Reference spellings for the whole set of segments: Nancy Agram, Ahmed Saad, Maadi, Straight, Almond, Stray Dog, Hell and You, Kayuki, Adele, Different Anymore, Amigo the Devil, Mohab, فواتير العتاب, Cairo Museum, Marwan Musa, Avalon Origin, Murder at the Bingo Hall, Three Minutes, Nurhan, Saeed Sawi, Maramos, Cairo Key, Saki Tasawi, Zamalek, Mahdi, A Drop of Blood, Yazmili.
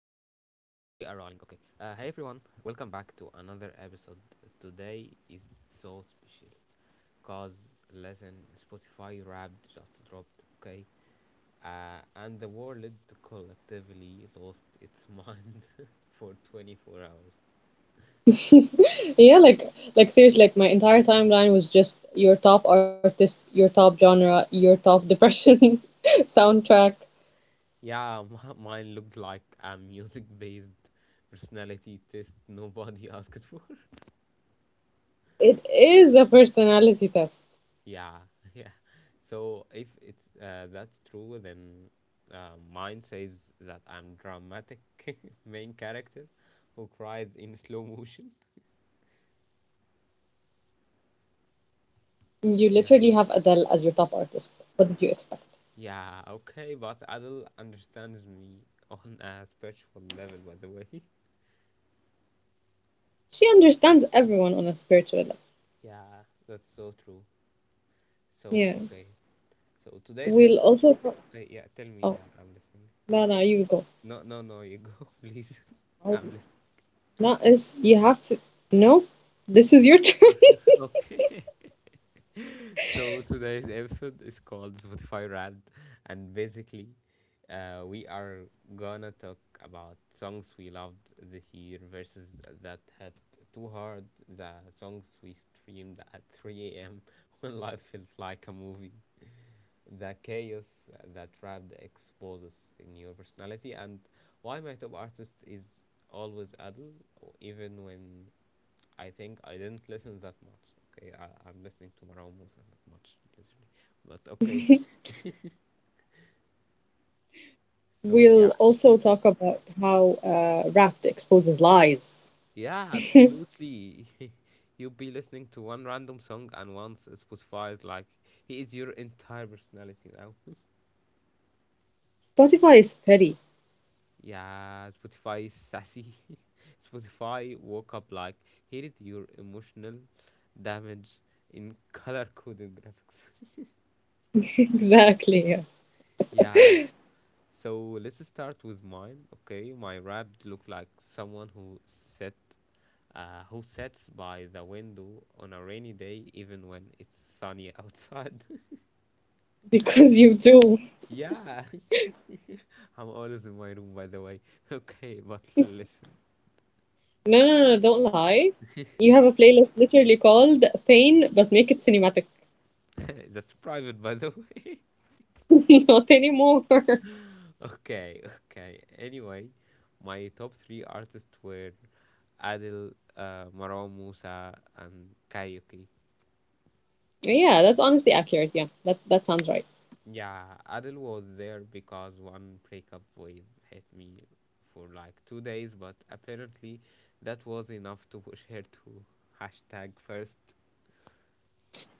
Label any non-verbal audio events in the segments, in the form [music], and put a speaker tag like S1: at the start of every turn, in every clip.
S1: rolling, okay. Hey everyone, welcome back to another episode. Today is so special because, listen, Spotify Wrapped just dropped, okay? And the world collectively lost its [laughs] mind for 24 hours.
S2: [laughs] Yeah, like seriously, like my entire timeline was just your top artist, your top genre, your top depression [laughs] soundtrack.
S1: Yeah, [laughs] mine looked like a music based personality test nobody [laughs] asked for.
S2: It is a personality test.
S1: Yeah, [laughs] yeah. So if it's that's true, then mine says that I'm dramatic [laughs] main character who cries in slow motion.
S2: You literally have Adele as your
S1: Yeah.
S2: top artist. What did you expect?
S1: Yeah. Okay, but Adele understands me on a spiritual level, by the way. [laughs]
S2: She understands everyone on a spiritual level.
S1: Yeah, that's so true. So
S2: Yeah.
S1: okay. So today's
S2: We'll
S1: episode.
S2: also talk-
S1: Yeah, tell me.
S2: oh
S1: Yeah, I'm listening.
S2: no, no, you go.
S1: No, no, no. You go, [laughs] please. [laughs]
S2: Oh,
S1: I'm
S2: not as you have to, no, this is your [laughs] turn.
S1: listening. [laughs] okay. So today's episode is called Spotify Rad, and basically, we are gonna talk about songs we loved this year versus that had too hard. The songs we streamed at 3 a.m. [laughs] when life felt like a movie. The chaos that Rad exposes in your personality, and why my top artist is always Adele, even when I think I didn't listen that much. Okay, I'm listening to Marwan Musa that much, literally. But okay, so
S2: We'll
S1: yeah,
S2: also talk about how Wrapped exposes lies.
S1: yeah, absolutely. [laughs] You'll be listening to one random song and once Spotify is like, he is your entire personality now. [laughs]
S2: Spotify is petty.
S1: Yeah, Spotify is sassy. [laughs] Spotify woke up like, here is your emotional damage in color coded graphics.
S2: [laughs] Exactly, yeah.
S1: [laughs] yeah. So let's start with mine. Okay, my rap looked like someone who sat, who sits by the window on a rainy day, even when it's sunny outside.
S2: Because you do.
S1: [laughs] yeah, [laughs] I'm always in my room, by the way. [laughs] Okay, but listen,
S2: No, no, no, don't lie. You have a playlist literally called Pain, but make it cinematic.
S1: [laughs] that's private, by the way.
S2: [laughs] Not anymore.
S1: [laughs] okay, okay. Anyway, my top 3 artists were Adil, Maram Musa, and Kayuki.
S2: Yeah, that's honestly accurate. Yeah, that sounds right.
S1: Yeah, Adele was there because one breakup wave hit me for like 2 days, but apparently that was enough to push her to hashtag first.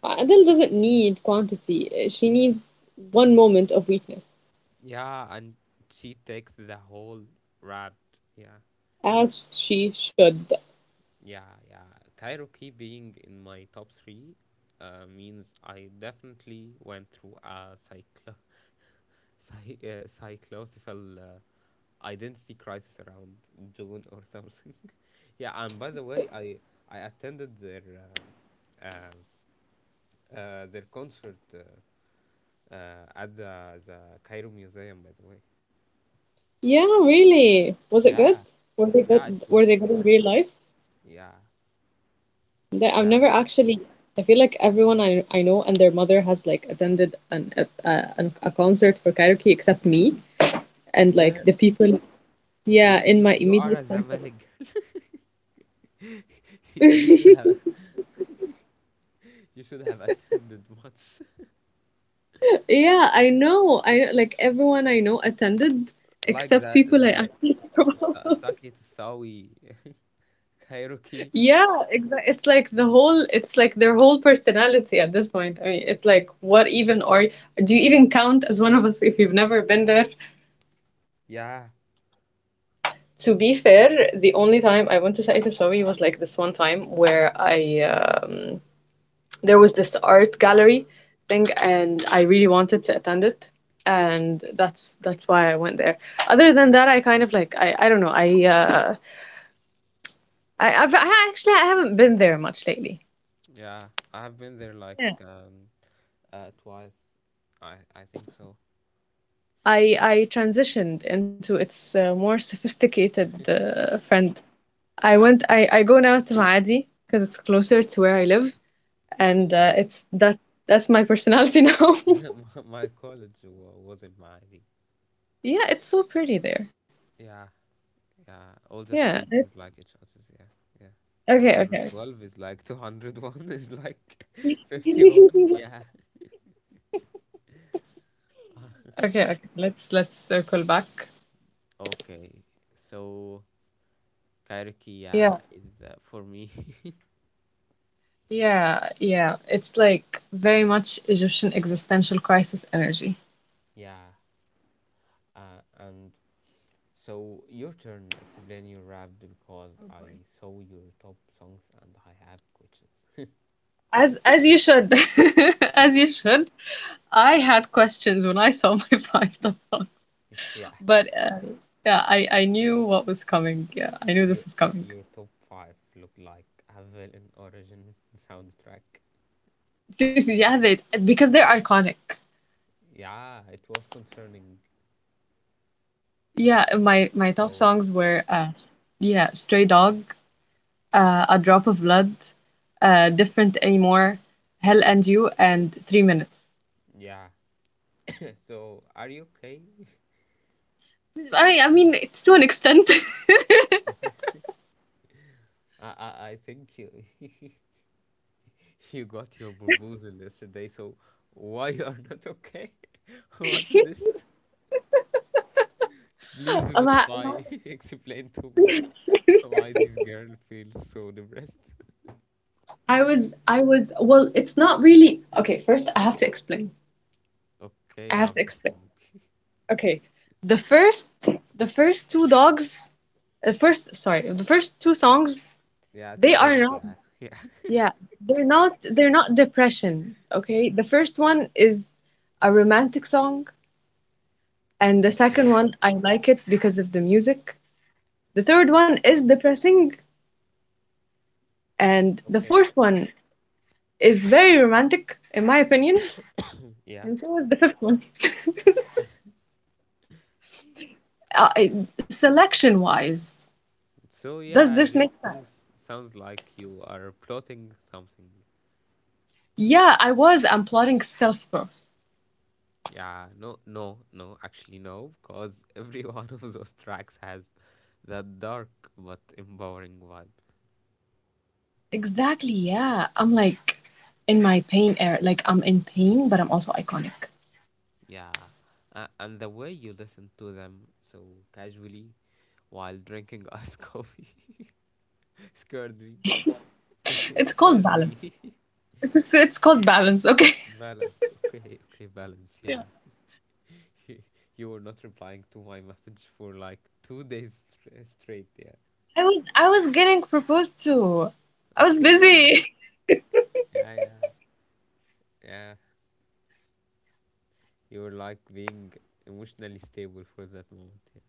S2: Adele doesn't need quantity. She needs one moment of weakness,
S1: Yeah, and she takes the whole rap. Yeah,
S2: as she should.
S1: yeah, yeah. Kairoki being in my top 3 means I definitely went through a cyclo- [laughs] cy- cyclosical identity crisis around June or something. [laughs] yeah, and by the way, I attended uh, uh, their concert at the Cairo Museum. By the way,
S2: Yeah, really. Was it good?
S1: yeah,
S2: Were they
S1: yeah, it
S2: good? Were they
S1: was
S2: good in
S1: so
S2: real
S1: good.
S2: life?
S1: Yeah,
S2: There, I've
S1: yeah,
S2: never actually. I feel like everyone I know and their mother has like attended an a, an- a concert for karaoke except me and like
S1: girl,
S2: the people,
S1: you
S2: yeah, in
S1: you
S2: my
S1: you are a
S2: immediate circle.
S1: Zamalek. [laughs] you should have
S2: [laughs]
S1: [laughs] you should have attended much
S2: Yeah, I know. I like everyone I know attended
S1: [laughs] like
S2: except
S1: the
S2: people I
S1: the
S2: actually care about. [laughs]
S1: Saki Tasawi [laughs] Kairoki.
S2: Yeah, exactly. It's like their whole personality at this point. I mean, it's like, what even are, do you even count as one of us if you've never been there?
S1: Yeah,
S2: To be fair, the only time I went to Saeed Sawi was like this one time where I there was this art gallery thing, and I really wanted to attend it, and that's why I went there. Other than that, I kind of like, I don't know. I I've, I actually I haven't been there much lately.
S1: yeah, I've been there like. Twice. I think so.
S2: I transitioned into its more sophisticated friend. I went I go now to Maadi because it's closer to where I live, and
S1: Okay.
S2: it's that that's my personality [laughs] now.
S1: [laughs] My college was in Mahdi.
S2: Yeah, it's so pretty there.
S1: Yeah, yeah. All the
S2: Yeah.
S1: streets is like each other's. Yeah, yeah.
S2: Okay, okay.
S1: 212 is like 201 is like [laughs] 51. Yeah.
S2: Okay, okay. Let's circle back.
S1: Okay. So
S2: Yeah.
S1: Kairikia is for me. [laughs]
S2: Yeah, yeah. It's like very much Egyptian existential crisis energy.
S1: Yeah. And so your turn. Explain your rap because
S2: Oh
S1: I
S2: boy.
S1: saw your top songs and I have questions.
S2: As you should. [laughs] As you should. I had questions when I saw my [laughs] five top song,
S1: [laughs] yeah.
S2: but yeah, I knew what was coming. Yeah, I knew this was coming.
S1: Your top five look like Avalon Origin [laughs] soundtrack.
S2: [laughs] Yeah, they because they're iconic.
S1: Yeah, it was concerning.
S2: Yeah, my top
S1: So
S2: songs were yeah, Stray Dog, A Drop of Blood, Different Anymore, Hell and You, and Three Minutes.
S1: yeah. [laughs] So are you okay?
S2: I mean it's to an extent.
S1: [laughs] I think you [laughs] you got your proposal yesterday. So why you are not okay? [laughs] What's this? Please
S2: [laughs] About- about-
S1: Spotify [laughs] explain to me [laughs] why this girl feels so depressed. [laughs]
S2: well, it's not really. Okay, first I have to explain. I
S1: Okay,
S2: have
S1: I'm
S2: to explain.
S1: listening.
S2: Okay, the first, the first two dogs, the first, sorry, the first two songs,
S1: Yeah,
S2: they
S1: two
S2: are
S1: dogs.
S2: not.
S1: Yeah, [laughs] yeah.
S2: Yeah, they're not depression, okay? The first one is a romantic song, and the second
S1: Okay.
S2: one I like it because of the music. The third
S1: Yeah.
S2: one is depressing, and the
S1: Okay.
S2: fourth one is very romantic in my opinion,
S1: Yeah.
S2: and so is the fifth one. [laughs] Uh, Selection-wise,
S1: So
S2: does
S1: yeah,
S2: this
S1: these
S2: make sense?
S1: songs sounds like you are plotting something.
S2: Yeah, I was. I'm plotting self-growth.
S1: Yeah, no, no, no, actually no, because every [laughs] one of those tracks has that dark but empowering vibe.
S2: Exactly, yeah. I'm like in my pain era, like I'm in pain, but I'm also iconic.
S1: Yeah, and the way you listen to them so casually while drinking iced [laughs] coffee [laughs] scared me. [laughs] it
S2: It's called
S1: scares
S2: balance.
S1: me.
S2: It's just, it's called balance. Okay.
S1: [laughs] balance, okay, okay, balance. Yeah, [laughs] you were not replying to my [laughs] message for like 2 days straight. Yeah.
S2: [laughs] I was getting proposed to. I was busy.
S1: Okay. Yeah, yeah, yeah. You're like being emotionally stable for that moment. Yeah.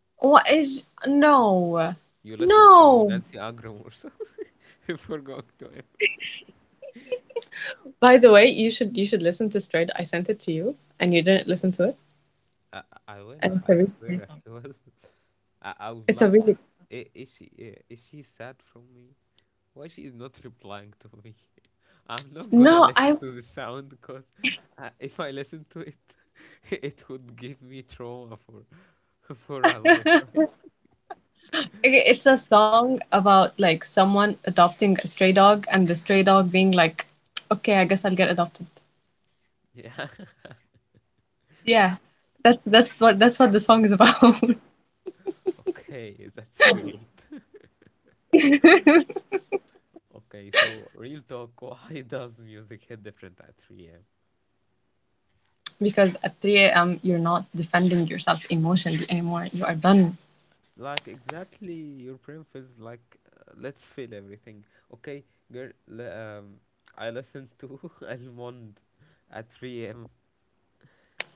S2: [laughs] What is no.
S1: You listen to
S2: No.
S1: Nancy Agram or something [laughs] before going to him.
S2: By the way, you should listen to Straight. I sent it to you and you didn't listen to it.
S1: I, I will.
S2: And it's a
S1: I
S2: really great
S1: swear
S2: song.
S1: I will. [laughs] I was
S2: It's a
S1: like,
S2: really,
S1: "Is she is she sad from me? Why she is not replying to me? [laughs] I'm not
S2: no,
S1: gonna
S2: I.
S1: listen to the sound because if I listen to it, [laughs] it would give me trauma for [laughs] for a lifetime.
S2: [laughs]
S1: [laughs]
S2: Okay, it's a song about like someone adopting a stray dog and the stray dog being like, okay, I guess I'll get adopted.
S1: Yeah.
S2: Yeah. That's what the song
S1: [laughs]
S2: is about.
S1: Okay, that's weird.
S2: [laughs]
S1: Okay, so real talk, [laughs] why does music hit different at 3 a.m.?
S2: Because at 3 a.m. you're not defending yourself emotionally anymore. You are done.
S1: Like exactly, your brain feels like let's feel everything. Okay, girl, I listened to [laughs] Almond at 3 a.m.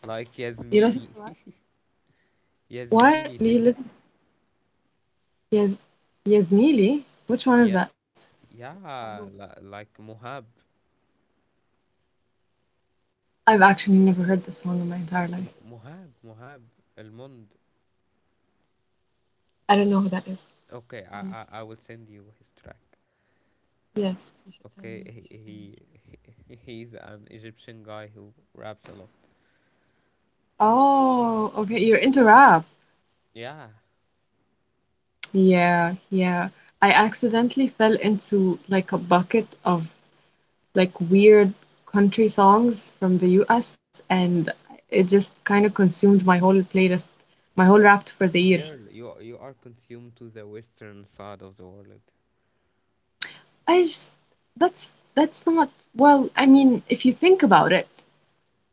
S1: Like
S2: You listen
S1: Yasmini,
S2: to what?
S1: [laughs]
S2: What?
S1: Yasmini
S2: You
S1: thing.
S2: listen to Yazmili? Which one is
S1: Yeah,
S2: that?
S1: yeah, like Mohab,
S2: I've actually never heard this song in my entire life.
S1: Mohab, Almond.
S2: I don't know who that is,
S1: Okay, I
S2: honestly.
S1: I will send you his track.
S2: Yes, you should tell me.
S1: Okay,
S2: You should tell me.
S1: he's an Egyptian guy who raps a lot.
S2: Oh, okay. You're into rap.
S1: Yeah,
S2: Yeah, yeah. I accidentally fell into like a bucket of like weird country songs from the US, and it just kind of consumed my whole playlist, my whole rap for the year.
S1: girl, you are consumed to the western side of the world.
S2: I just that's that's not, well, I mean, if you think about it,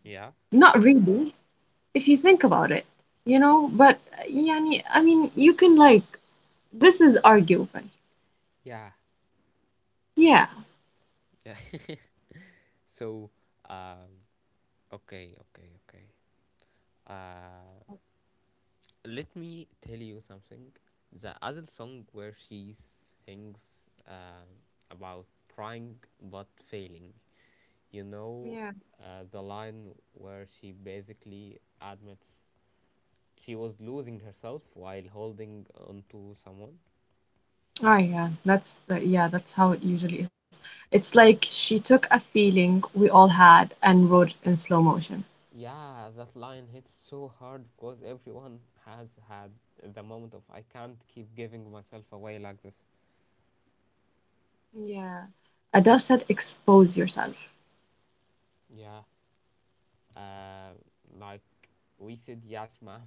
S1: Yeah,
S2: not really, if you think about it, but yani, I mean, you can, like, this is arguable.
S1: yeah,
S2: Yeah.
S1: yeah. [laughs] so, um, okay, okay, okay. Uh, let me tell you something. The other song where she sings um about trying but failing. You know,
S2: Yeah.
S1: the line where she basically admits she was losing herself while holding on to someone.
S2: Oh yeah, that's how it usually is. It's like she took a feeling we all had and wrote it in slow motion.
S1: Yeah, that line hits so hard because everyone has had the moment of I can't keep giving myself away like this.
S2: Yeah. Adele said, expose yourself.
S1: Yeah, uh, like we said, Yasma.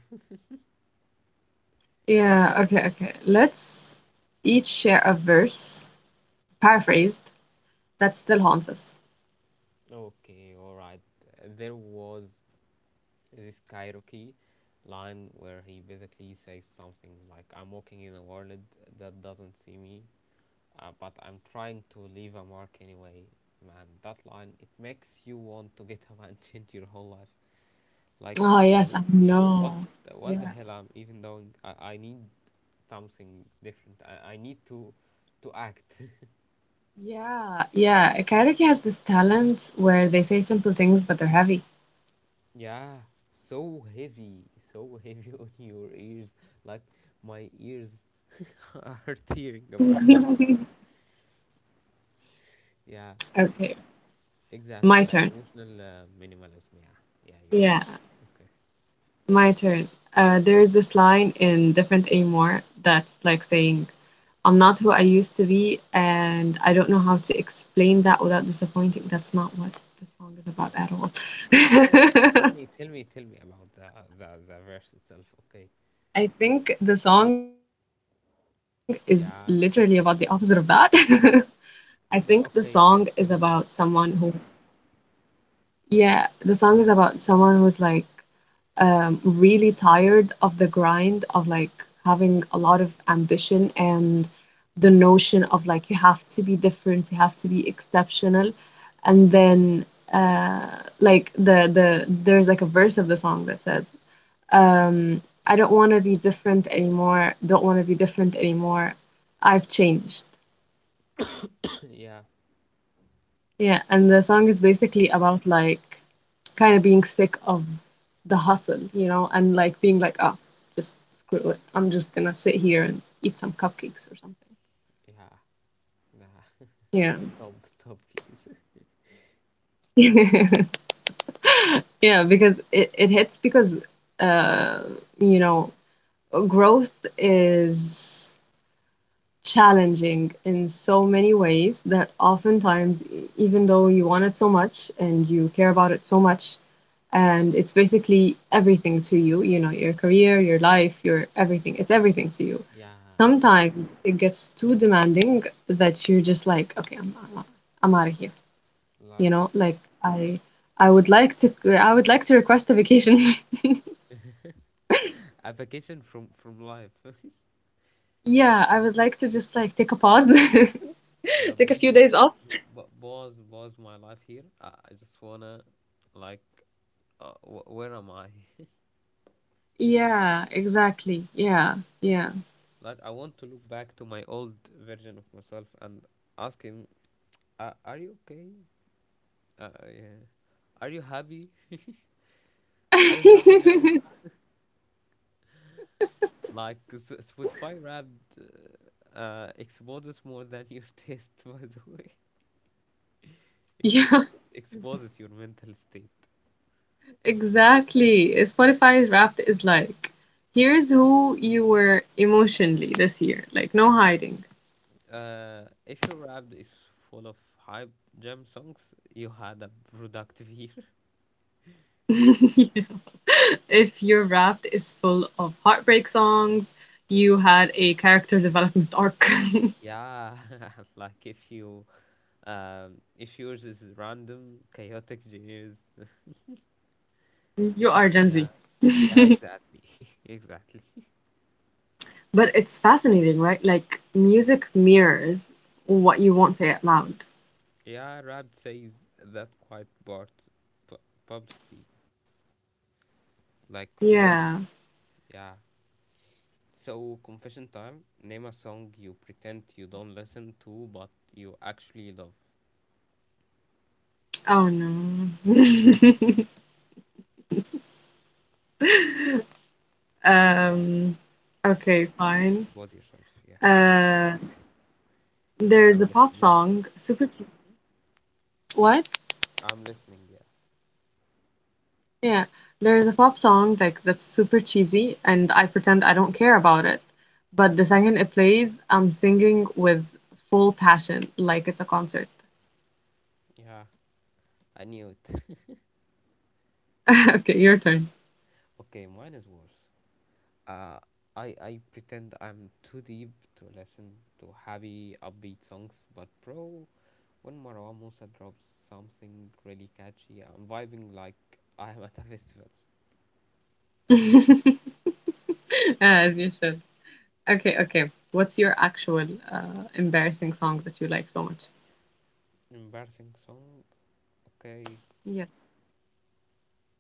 S2: Yeah, okay, okay. Let's each share a verse, paraphrased, that still haunts us.
S1: [laughs] okay, all right. There was this karaoke line where he basically says something like, I'm walking in a world that doesn't see me, but I'm trying to leave a mark anyway. Man, that line, it makes you want to get [laughs] up and change your whole life. Like,
S2: Oh, yes, I
S1: what
S2: know.
S1: what the
S2: Yeah.
S1: hell I'm even doing? I need something different. I need to act.
S2: Yeah, yeah. Karaoke has this talent where they say simple things, but they're heavy. [laughs]
S1: [laughs] yeah, so heavy [laughs] on your ears. Like my ears [laughs] are tearing apart. Yeah,
S2: Okay,
S1: exactly.
S2: my
S1: Like
S2: turn.
S1: emotional minimalism. Yeah, yeah, you're correct.
S2: Yeah,
S1: Okay,
S2: my turn. There is this line in Different Anymore that's like saying, I'm not who I used to be, and I don't know how to explain that without disappointing. That's not what the song is about
S1: stop.
S2: at
S1: Okay, tell
S2: all.
S1: me, tell me, tell me about the verse itself. Okay,
S2: [laughs] I think the song is literally about the opposite of that.
S1: yeah.
S2: [laughs] I think the song is
S1: The
S2: about
S1: okay,
S2: someone who,
S1: tell me.
S2: yeah, the song is about someone who's like, really tired of the grind of like having a lot of ambition and the notion of like you have to be different, you have to be exceptional, and then, uh, like there's like a verse of the song that says, "I don't want to be different anymore. Don't want to be different anymore. I've changed."
S1: [coughs] yeah,
S2: Yeah, and the song is basically about like kind of being sick of the hustle, and like being like, ah, oh, just screw it. I'm just gonna sit here and eat some cupcakes or
S1: yeah. Nah,
S2: something.
S1: [laughs] stop, stop, please. [laughs]
S2: Yeah. [laughs] Yeah, because it hits because uh, you know, growth is challenging in so many ways that oftentimes, even though you want it so much and you care about it so much, and it's basically everything to you, your career, your life, your everything, it's everything to you.
S1: Yeah,
S2: Sometimes it gets too demanding that you're just like, okay, I'm out of here,
S1: like
S2: you know, like I. I would like to request a vacation. [laughs]
S1: a vacation from life. [laughs]
S2: Yeah, I would like to just like take a pause,
S1: yeah,
S2: [laughs] take a few
S1: please,
S2: days off.
S1: but boss, boss, my life here. I just wanna, like, where am I? [laughs]
S2: Yeah, exactly. Yeah, yeah.
S1: like, I want to look back to my old version of myself and ask him, are you okay? Yeah, are you happy? [laughs] are you happy now? [laughs]
S2: [laughs]
S1: Like Spotify Wrapped exposes more than your taste, [laughs] by the way. Ex-
S2: Yeah,
S1: exposes your mental state.
S2: [laughs] exactly. Spotify's Wrapped is like, here's who you were emotionally this year. Like, no hiding.
S1: If your rap is full of hype jam songs, you had a productive year.
S2: [laughs] Yeah. If your Wrapped is full of heartbreak songs, you had a character development arc. [laughs]
S1: [laughs] yeah, [laughs] like if you, if yours is random, chaotic years. [laughs]
S2: You are Gen Z.
S1: yeah, yeah,
S2: [laughs]
S1: exactly, [laughs] exactly.
S2: But it's fascinating, right? Like, music mirrors what you won't say out loud.
S1: [laughs] yeah, rap says that quite part pu- publicity, like
S2: Yeah.
S1: really, yeah. So confession time. Name a song you pretend you don't listen to, but you actually love.
S2: Oh no. [laughs]
S1: Yeah,
S2: Um, okay, fine.
S1: expose yourself. Yeah,
S2: Uh,
S1: yeah,
S2: there's
S1: I'm
S2: a pop
S1: listening.
S2: song, super che-. What?
S1: I'm listening. Yeah,
S2: Yeah, there's a pop song like that's super cheesy, and I pretend I don't care about it. But the second it plays, I'm singing with full passion, like it's a concert.
S1: yeah, I knew it. [laughs]
S2: [laughs] Okay, your turn.
S1: Okay, mine is worse. Uh, I pretend I'm too deep to listen to happy upbeat songs, but bro, when Marwa Musa drops something really catchy, I'm vibing like I'm at a [laughs] festival.
S2: [laughs] As you should. Okay, okay. What's your actual embarrassing song that you like so much?
S1: Embarrassing song. Okay,
S2: Yes.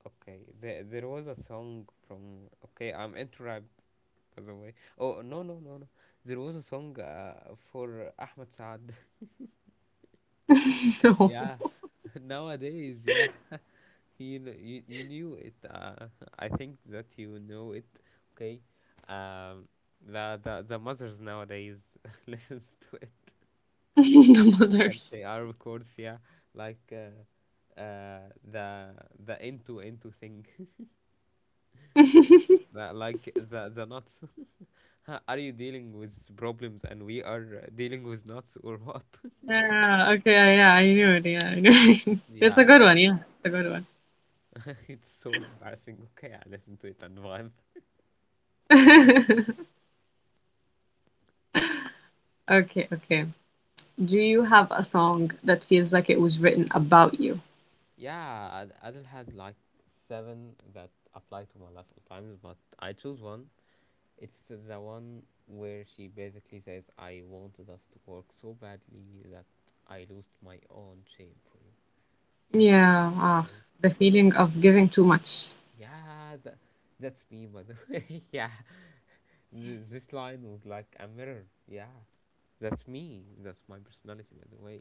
S1: okay. There was a song from. Okay, I'm into rap by the way. Oh no no no no. There was a song for Ahmed Saad.
S2: [laughs] No.
S1: Yeah, [laughs] nowadays, yeah, [laughs] you know, you knew it. [laughs] I think that you know it. Okay, um, the mothers nowadays [laughs] listens to it.
S2: [laughs] The
S1: Can
S2: mothers.
S1: say Arab chords, yeah, like uh, the the into thing, [laughs]
S2: [laughs]
S1: the, like the nuts. [laughs] Are you dealing with problems and we are dealing with knots or what? [laughs]
S2: Yeah, okay, yeah, I knew it. Yeah, I knew it. [laughs] It's a
S1: Yeah,
S2: good one. Yeah, it's a good one.
S1: [laughs] it's so embarrassing. Okay, I listen to it and why?
S2: [laughs] Okay, okay. Do you have a song that feels like it was written about you?
S1: Yeah, Adil had like seven that apply to my life all times, but I choose one. It's the one where she basically says, "I wanted us to work so badly that I lost my own shame for you."
S2: Yeah, ah,
S1: I-
S2: the feeling of giving too much.
S1: yeah, that's me, by the [laughs] way. Yeah, this line was like a mirror. Yeah, that's me. That's my personality, by the way.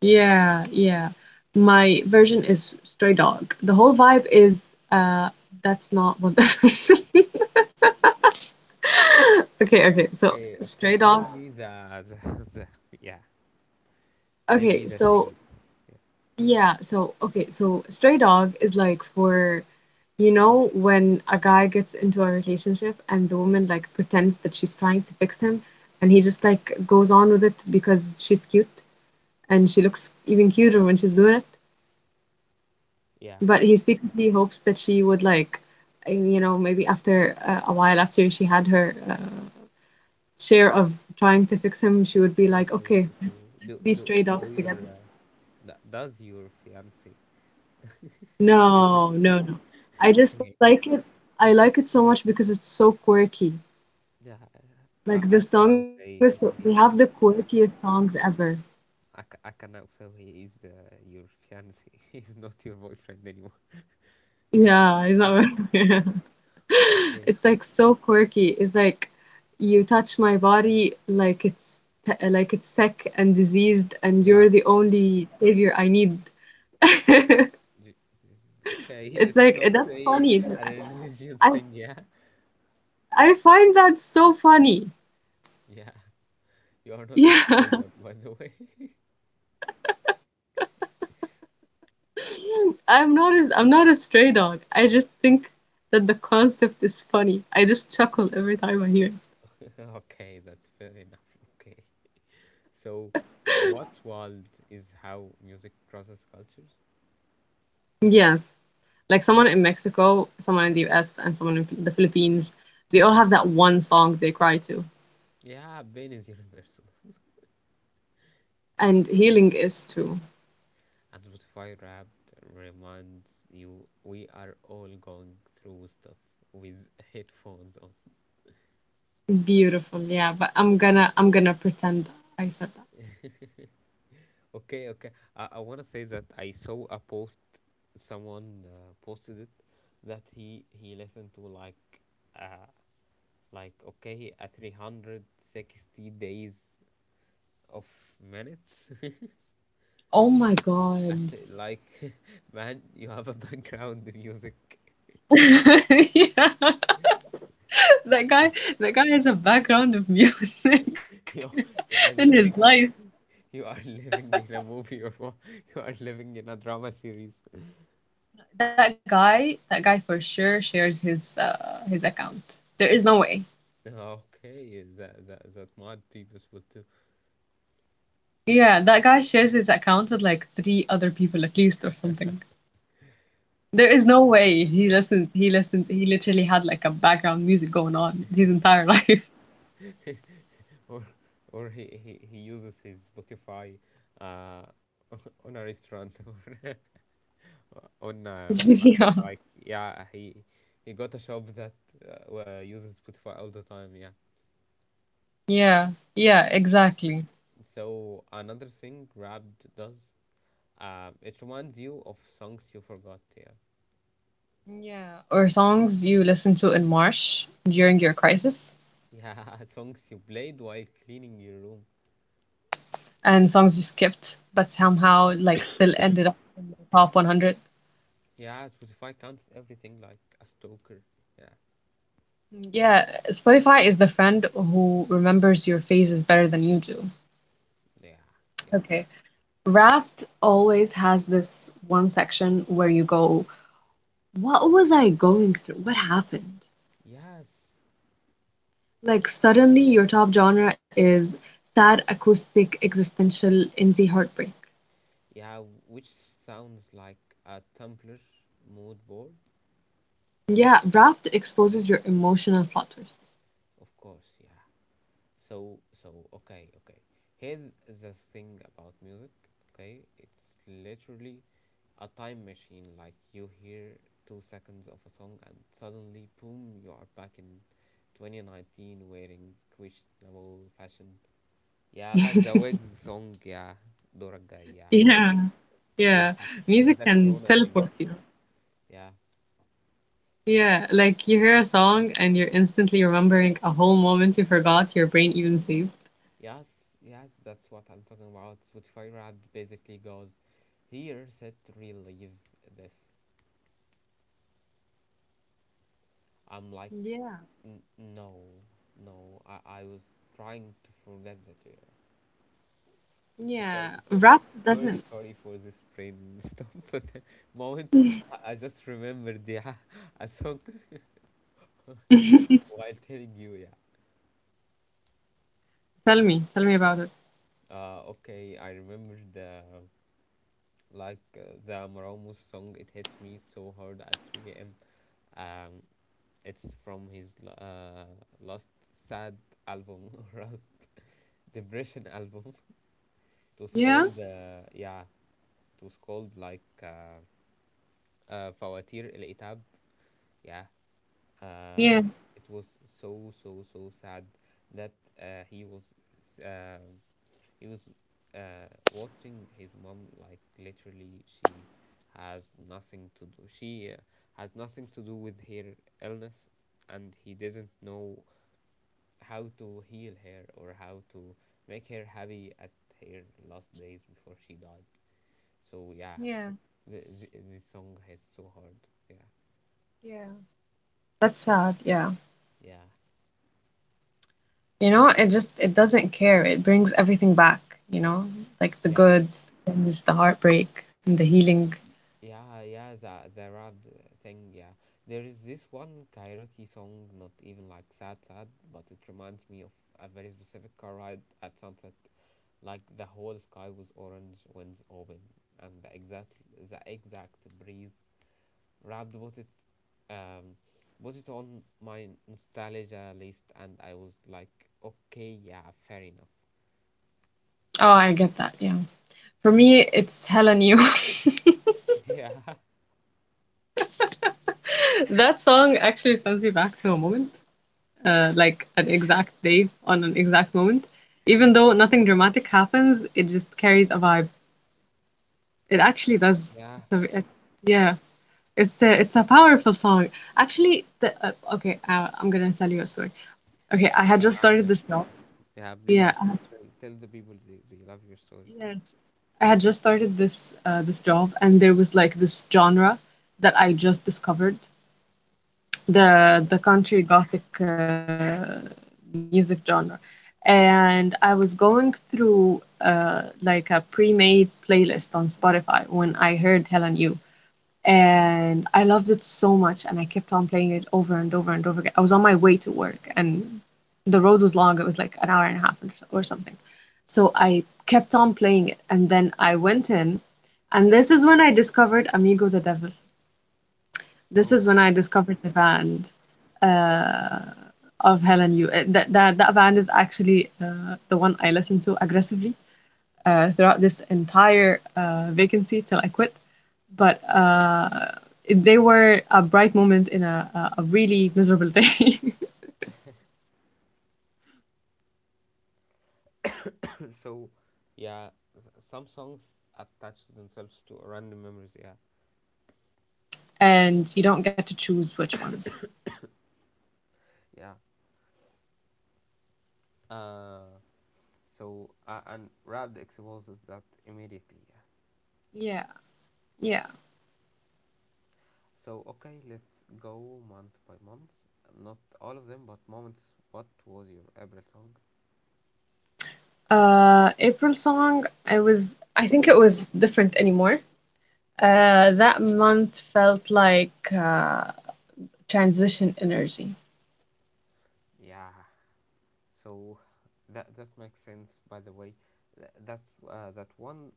S2: Yeah, yeah. My version is Stray Dog. The whole vibe is uh that's not what the [laughs] Okay, okay. So
S1: Okay, okay.
S2: Stray
S1: Tell
S2: Dog.
S1: me the, [laughs] the, the yeah. Tell me
S2: Okay,
S1: the
S2: so
S1: thing itself. Yeah,
S2: okay, so stray dog is like for, when a guy gets into a relationship, and the woman like pretends that she's trying to fix him, and he just like goes on with it because she's cute and she looks even cuter when she's doing it,
S1: yeah.
S2: but he secretly hopes that she would like, maybe after a while after she had her share of trying to fix him, she would be
S1: So,
S2: like,
S1: so,
S2: okay, let's
S1: so, do
S2: let's be
S1: do
S2: stray dogs
S1: do your
S2: together.
S1: does your fiance [laughs] did
S2: No,
S1: this? [laughs]
S2: no, no. I just
S1: Okay,
S2: like it. I like it so much because it's so quirky.
S1: yeah, I, I can
S2: Like the
S1: now
S2: song
S1: say
S2: is
S1: he-
S2: so,
S1: he-
S2: they have the quirkiest songs ever.
S1: I can now say he is your fiance. [laughs] He's not your boyfriend anymore. Yeah.
S2: Yeah, it's not [laughs] yeah.
S1: [laughs] Okay.
S2: It's like so quirky. It's like you touch my body like it's sick and diseased, and you're
S1: Yeah.
S2: the only savior I need. [laughs]
S1: J- Okay. [laughs]
S2: It's
S1: Let's
S2: like
S1: not
S2: that's
S1: say
S2: funny.
S1: [laughs] a religion
S2: I
S1: thing. Yeah.
S2: I find that so funny.
S1: Yeah. You are
S2: [laughs]
S1: not a
S2: Yeah.
S1: stray dog, by the way.
S2: I'm not a stray dog. I just think that the concept is funny. I just chuckle every time I hear it.
S1: [laughs] Okay, that's fair enough. Okay. So, what's wild is how music crosses cultures.
S2: Yes. Like someone in Mexico, someone in the US, and someone in the Philippines, they all have that one song they cry to.
S1: Yeah, pain is universal. [laughs]
S2: And healing is too.
S1: And Spotify Wrapped reminds you we are all going through stuff with headphones on.
S2: Beautiful, yeah, but I'm gonna pretend I said that.
S1: Okay, okay. I want to say that I saw a post, someone posted it that he listened to uh, like a 360 days of minutes. [laughs]
S2: Oh my
S1: At,
S2: God.
S1: the- like, [laughs] man, you have a background music. [laughs]
S2: [laughs] Yeah. That guy that guy has a background of music
S1: You, you
S2: [laughs]
S1: are
S2: in his
S1: living
S2: life.
S1: You are [laughs] living in a movie or what? [laughs] You are living in a drama series. [laughs]
S2: That guy for sure shares his account. There is no way.
S1: Okay, that might be possible too,
S2: Yeah, that guy shares his account with like three other people at least or something. There is no way he listened. He listened. He literally had like a background music going on his entire life.
S1: [laughs] or or he uses his Spotify uh [laughs] on a restaurant [laughs] or on
S2: [laughs] Yeah.
S1: like yeah he got a shop that where uses Spotify all the time, yeah.
S2: Yeah. Yeah. Exactly.
S1: So another thing Grabbed does, it reminds you of songs you forgot, yeah. [laughs]
S2: Yeah. Or songs you listen to in March during your crisis,
S1: Yeah, songs you played while cleaning your room.
S2: and songs you skipped but somehow like still ended up in the top 100.
S1: Yeah, Spotify counts everything like a stalker. Yeah,
S2: Yeah, Spotify is the friend who remembers your phases better than you do.
S1: yeah, yeah.
S2: Okay. Wrapped always has this one section where you go, "What was I going through? What happened?"
S1: Yes,
S2: Like, suddenly your top genre is sad, acoustic, existential, indie heartbreak.
S1: yeah, which sounds like a Tumblr mood board,
S2: Yeah, Wrapped exposes your emotional plot twists.
S1: of course, yeah. So, okay, okay. Here's the thing about music, okay? It's literally a time machine, like you hear 2 seconds of a song and suddenly, boom, you are back in 2019 wearing questionable fashion. Yeah, like the Wigs song, yeah, Dorga, yeah,
S2: Yeah, yeah.
S1: yeah,
S2: Music
S1: it's the
S2: can
S1: Corona
S2: teleport
S1: thing,
S2: you.
S1: yeah,
S2: Yeah, like you hear a song and you're instantly remembering a whole moment you forgot your brain even saved.
S1: yes, yes, that's what I'm talking about. Spotify rap basically goes, here, set, relieve this. I'm like,
S2: Yeah,
S1: "N- no, no, I was trying to forget that we are..."
S2: yeah.
S1: Okay, [laughs] so
S2: Rap
S1: sorry,
S2: doesn't.
S1: sorry for this brainstorm [laughs] but the moment. I just remembered, yeah, a song
S2: [laughs]
S1: [laughs] while telling you, yeah.
S2: Tell me about it.
S1: Okay, I remembered. Like the Maramos song, it hits me so hard at 3 a.m. Um, it's from his last sad album [laughs] or last depression album. It was
S2: Yeah,
S1: called, yeah, it was called like فواتير العتاب, yeah,
S2: yeah,
S1: uh, it was so so so sad that uh, he was uh, he was watching his mom, like literally she has nothing to do, she has nothing to do with her illness, and he didn't know how to heal her or how to make her happy at her last days before she died, so yeah,
S2: yeah,
S1: this song is so hard, yeah,
S2: yeah. That's sad. Yeah.
S1: yeah,
S2: You know, it doesn't care. It brings everything back, you know, like the
S1: yeah.
S2: good things, the heartbreak, and the healing.
S1: Yeah, yeah, there are the rap thing, yeah. There is this one karaoke song, not even like sad, sad, but it reminds me of a very specific car ride at sunset. Like the whole sky was orange, winds open, and the exact breeze wrapped um, put it on my nostalgia list, and I was like, okay, yeah, fair enough.
S2: Oh, I get that. Yeah. For me, it's Helen You. [laughs]
S1: [laughs]
S2: That song actually sends me back to a moment, like an exact day on an exact moment. Even though nothing dramatic happens, it just carries a vibe. It actually does.
S1: Yeah, yeah,
S2: Yeah. It's a powerful song. Actually, the okay. I'm gonna tell you a story. Okay, I had
S1: I-
S2: just
S1: I'm
S2: started
S1: listening.
S2: this job.
S1: Yeah, yeah. Please,
S2: Yeah.
S1: please tell the people they love your stories, yeah.
S2: Yes. I had just started this this job, and there was like this genre that I just discovered the country gothic music genre, and I was going through like a pre-made playlist on Spotify when I heard Helen You, and I loved it so much, and I kept on playing it over and over and over again. I was on my way to work, and the road was long. It was like an hour and a half or something. So I kept on playing it, and then I went in, and this is when I discovered Amigo the Devil. This is
S1: Oh,
S2: when I discovered the band uh, of Helen You. That band is actually the one I listened to aggressively throughout this entire vacancy till I quit, but they were a bright moment in a really miserable day,
S1: [laughs] so yeah, s- some songs attach themselves to random memories. Yeah,
S2: [laughs] and you don't get to choose which ones.
S1: yeah. Uh, and Wrapped exposes that immediately. Yeah.
S2: Yeah, yeah.
S1: So okay, let's go month by month. Not all of them, but moments. What was your April song?
S2: April song, I think it was different anymore. That month felt like transition energy.
S1: Yeah. So that that makes sense. By the way, Th- that that one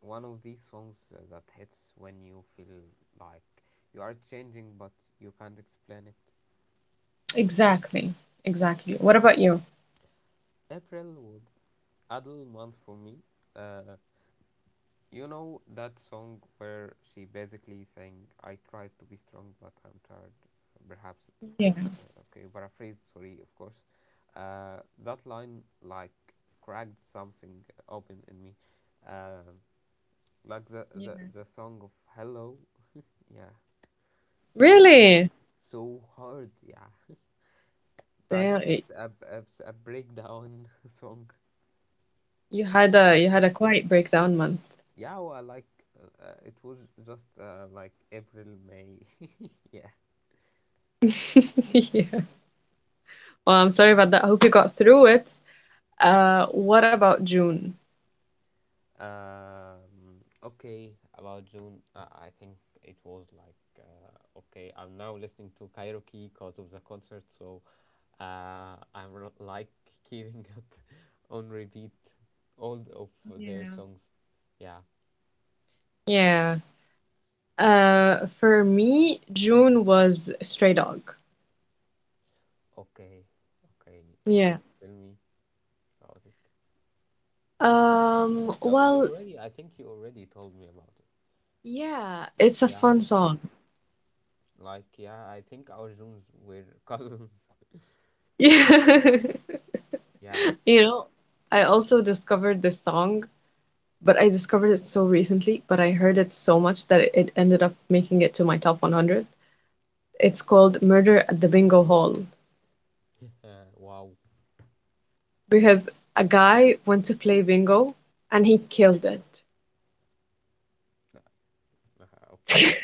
S1: one of these songs that hits when you feel like you are changing, but you can't explain it.
S2: Exactly, exactly. What about you?
S1: April was adult month for me. Uh, you know that song where she basically sang, "I tried to be strong, but I'm tired." Perhaps, of
S2: Yeah,
S1: course. Okay, paraphrase. Sorry, of course. That line like cracked something open in me, uh, like
S2: yeah.
S1: the song of Hello. Yeah, this song
S2: Really?
S1: so hard. Yeah, like
S2: Damn,
S1: it's a breakdown [laughs] song.
S2: you had a quiet breakdown month.
S1: Yeah, well, like it was just like April, May. [laughs] yeah.
S2: [laughs] Yeah. Well, I'm sorry about that. I hope you got through it. What about June?
S1: Okay, about June, I think it was like okay. I'm now listening to Cairo Key because of the concert, so I'm r- like keeping it [laughs] on repeat all of their
S2: Yeah.
S1: songs. Yeah.
S2: Yeah. For me, June was Stray Dog.
S1: Okay. Okay.
S2: Yeah.
S1: So tell me about it. Oh, you
S2: Well,
S1: already. I think you already told me about it.
S2: yeah, it's a
S1: Yeah.
S2: fun song.
S1: Like, yeah, I think our zooms were [laughs] cousins.
S2: [laughs]
S1: Yeah.
S2: You know, I also discovered this song, but I discovered it so recently, but I heard it so much that it ended up making it to my top 100. It's called Murder at the Bingo Hall,
S1: Wow.
S2: because a guy went to play bingo and he killed it.
S1: Uh, okay.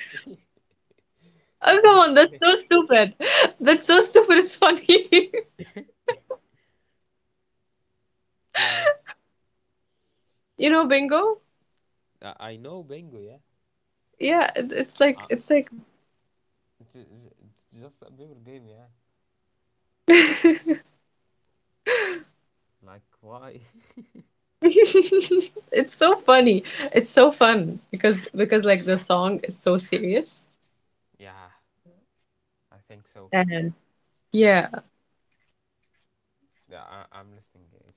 S1: [laughs]
S2: Oh, come on, that's
S1: Okay.
S2: so stupid. [laughs] That's so stupid. It's funny. [laughs]
S1: Yeah.
S2: You know, bingo?
S1: I know bingo, yeah.
S2: Yeah, it,
S1: Uh,
S2: it's like
S1: J- j- just a paper game, yeah.
S2: [laughs]
S1: Like, why?
S2: it's so funny. It's so fun because like the song is so serious,
S1: [laughs] Yeah, I think so.
S2: and
S1: Yeah.
S2: yeah.
S1: Yeah, I- I'm listening, yeah.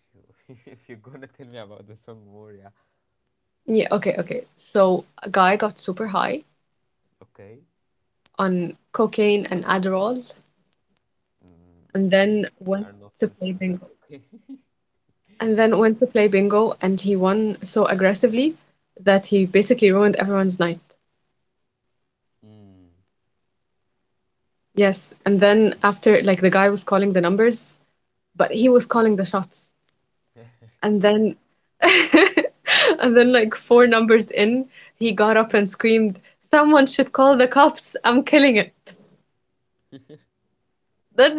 S1: If you [laughs] if you're gonna tell me about the song more, yeah.
S2: Yeah, okay, okay. So a guy got super high
S1: Okay.
S2: on cocaine and Adderall
S1: Mm,
S2: and
S1: okay.
S2: then
S1: We
S2: went
S1: are not
S2: to play
S1: mentioning that.
S2: bingo.
S1: Okay.
S2: And then went to play bingo, and he won so aggressively that he basically ruined everyone's night.
S1: [laughs] Mm.
S2: Yes, and then after, like the guy was calling the numbers, but he was calling the shots. And then, [laughs] and then like four numbers in, he got up and screamed, "Someone should call the cops. I'm killing it." That's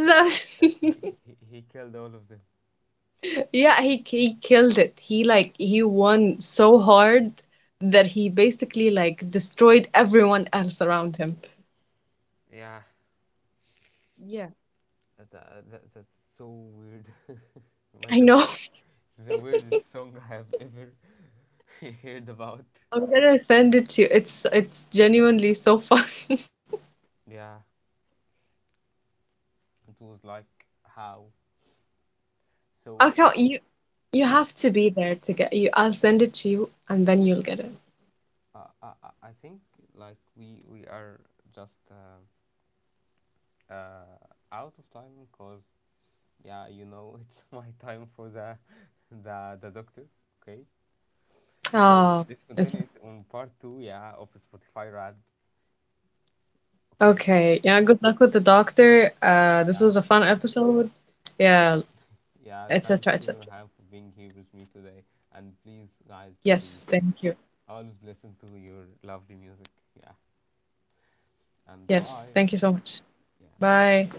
S1: Uh,
S2: that.
S1: He killed all of them.
S2: [laughs] Yeah, he killed it. He won so hard that he basically like destroyed everyone else around him.
S1: Yeah.
S2: Yeah,
S1: That's so weird. [laughs] By
S2: I
S1: the
S2: know.
S1: way,
S2: [laughs]
S1: the weirdest song I have ever [laughs] heard about.
S2: I'm gonna send it to you. It's genuinely so fun. [laughs]
S1: Yeah, it was like how.
S2: I
S1: So
S2: can't you You
S1: yeah,
S2: have to be there to get you. I'll send it to you and then you'll get it.
S1: I think like we are just uh, out of time because yeah, you know [laughs] it's my time for the doctor. Okay, so
S2: Oh,
S1: let's
S2: it's
S1: continue it on part two. Yeah, of Spotify Wrapped. Okay,
S2: okay. Yeah, good luck with the doctor. This
S1: yeah.
S2: was a fun episode. Yeah,
S1: Yeah, thank
S2: etc.
S1: you,
S2: etc.
S1: Nurhan, for being here with me today. And please, guys, please
S2: Yes, thank you.
S1: always listen to your lovely music. Yeah, and
S2: Yes,
S1: bye.
S2: thank you so much.
S1: Yeah.
S2: Bye.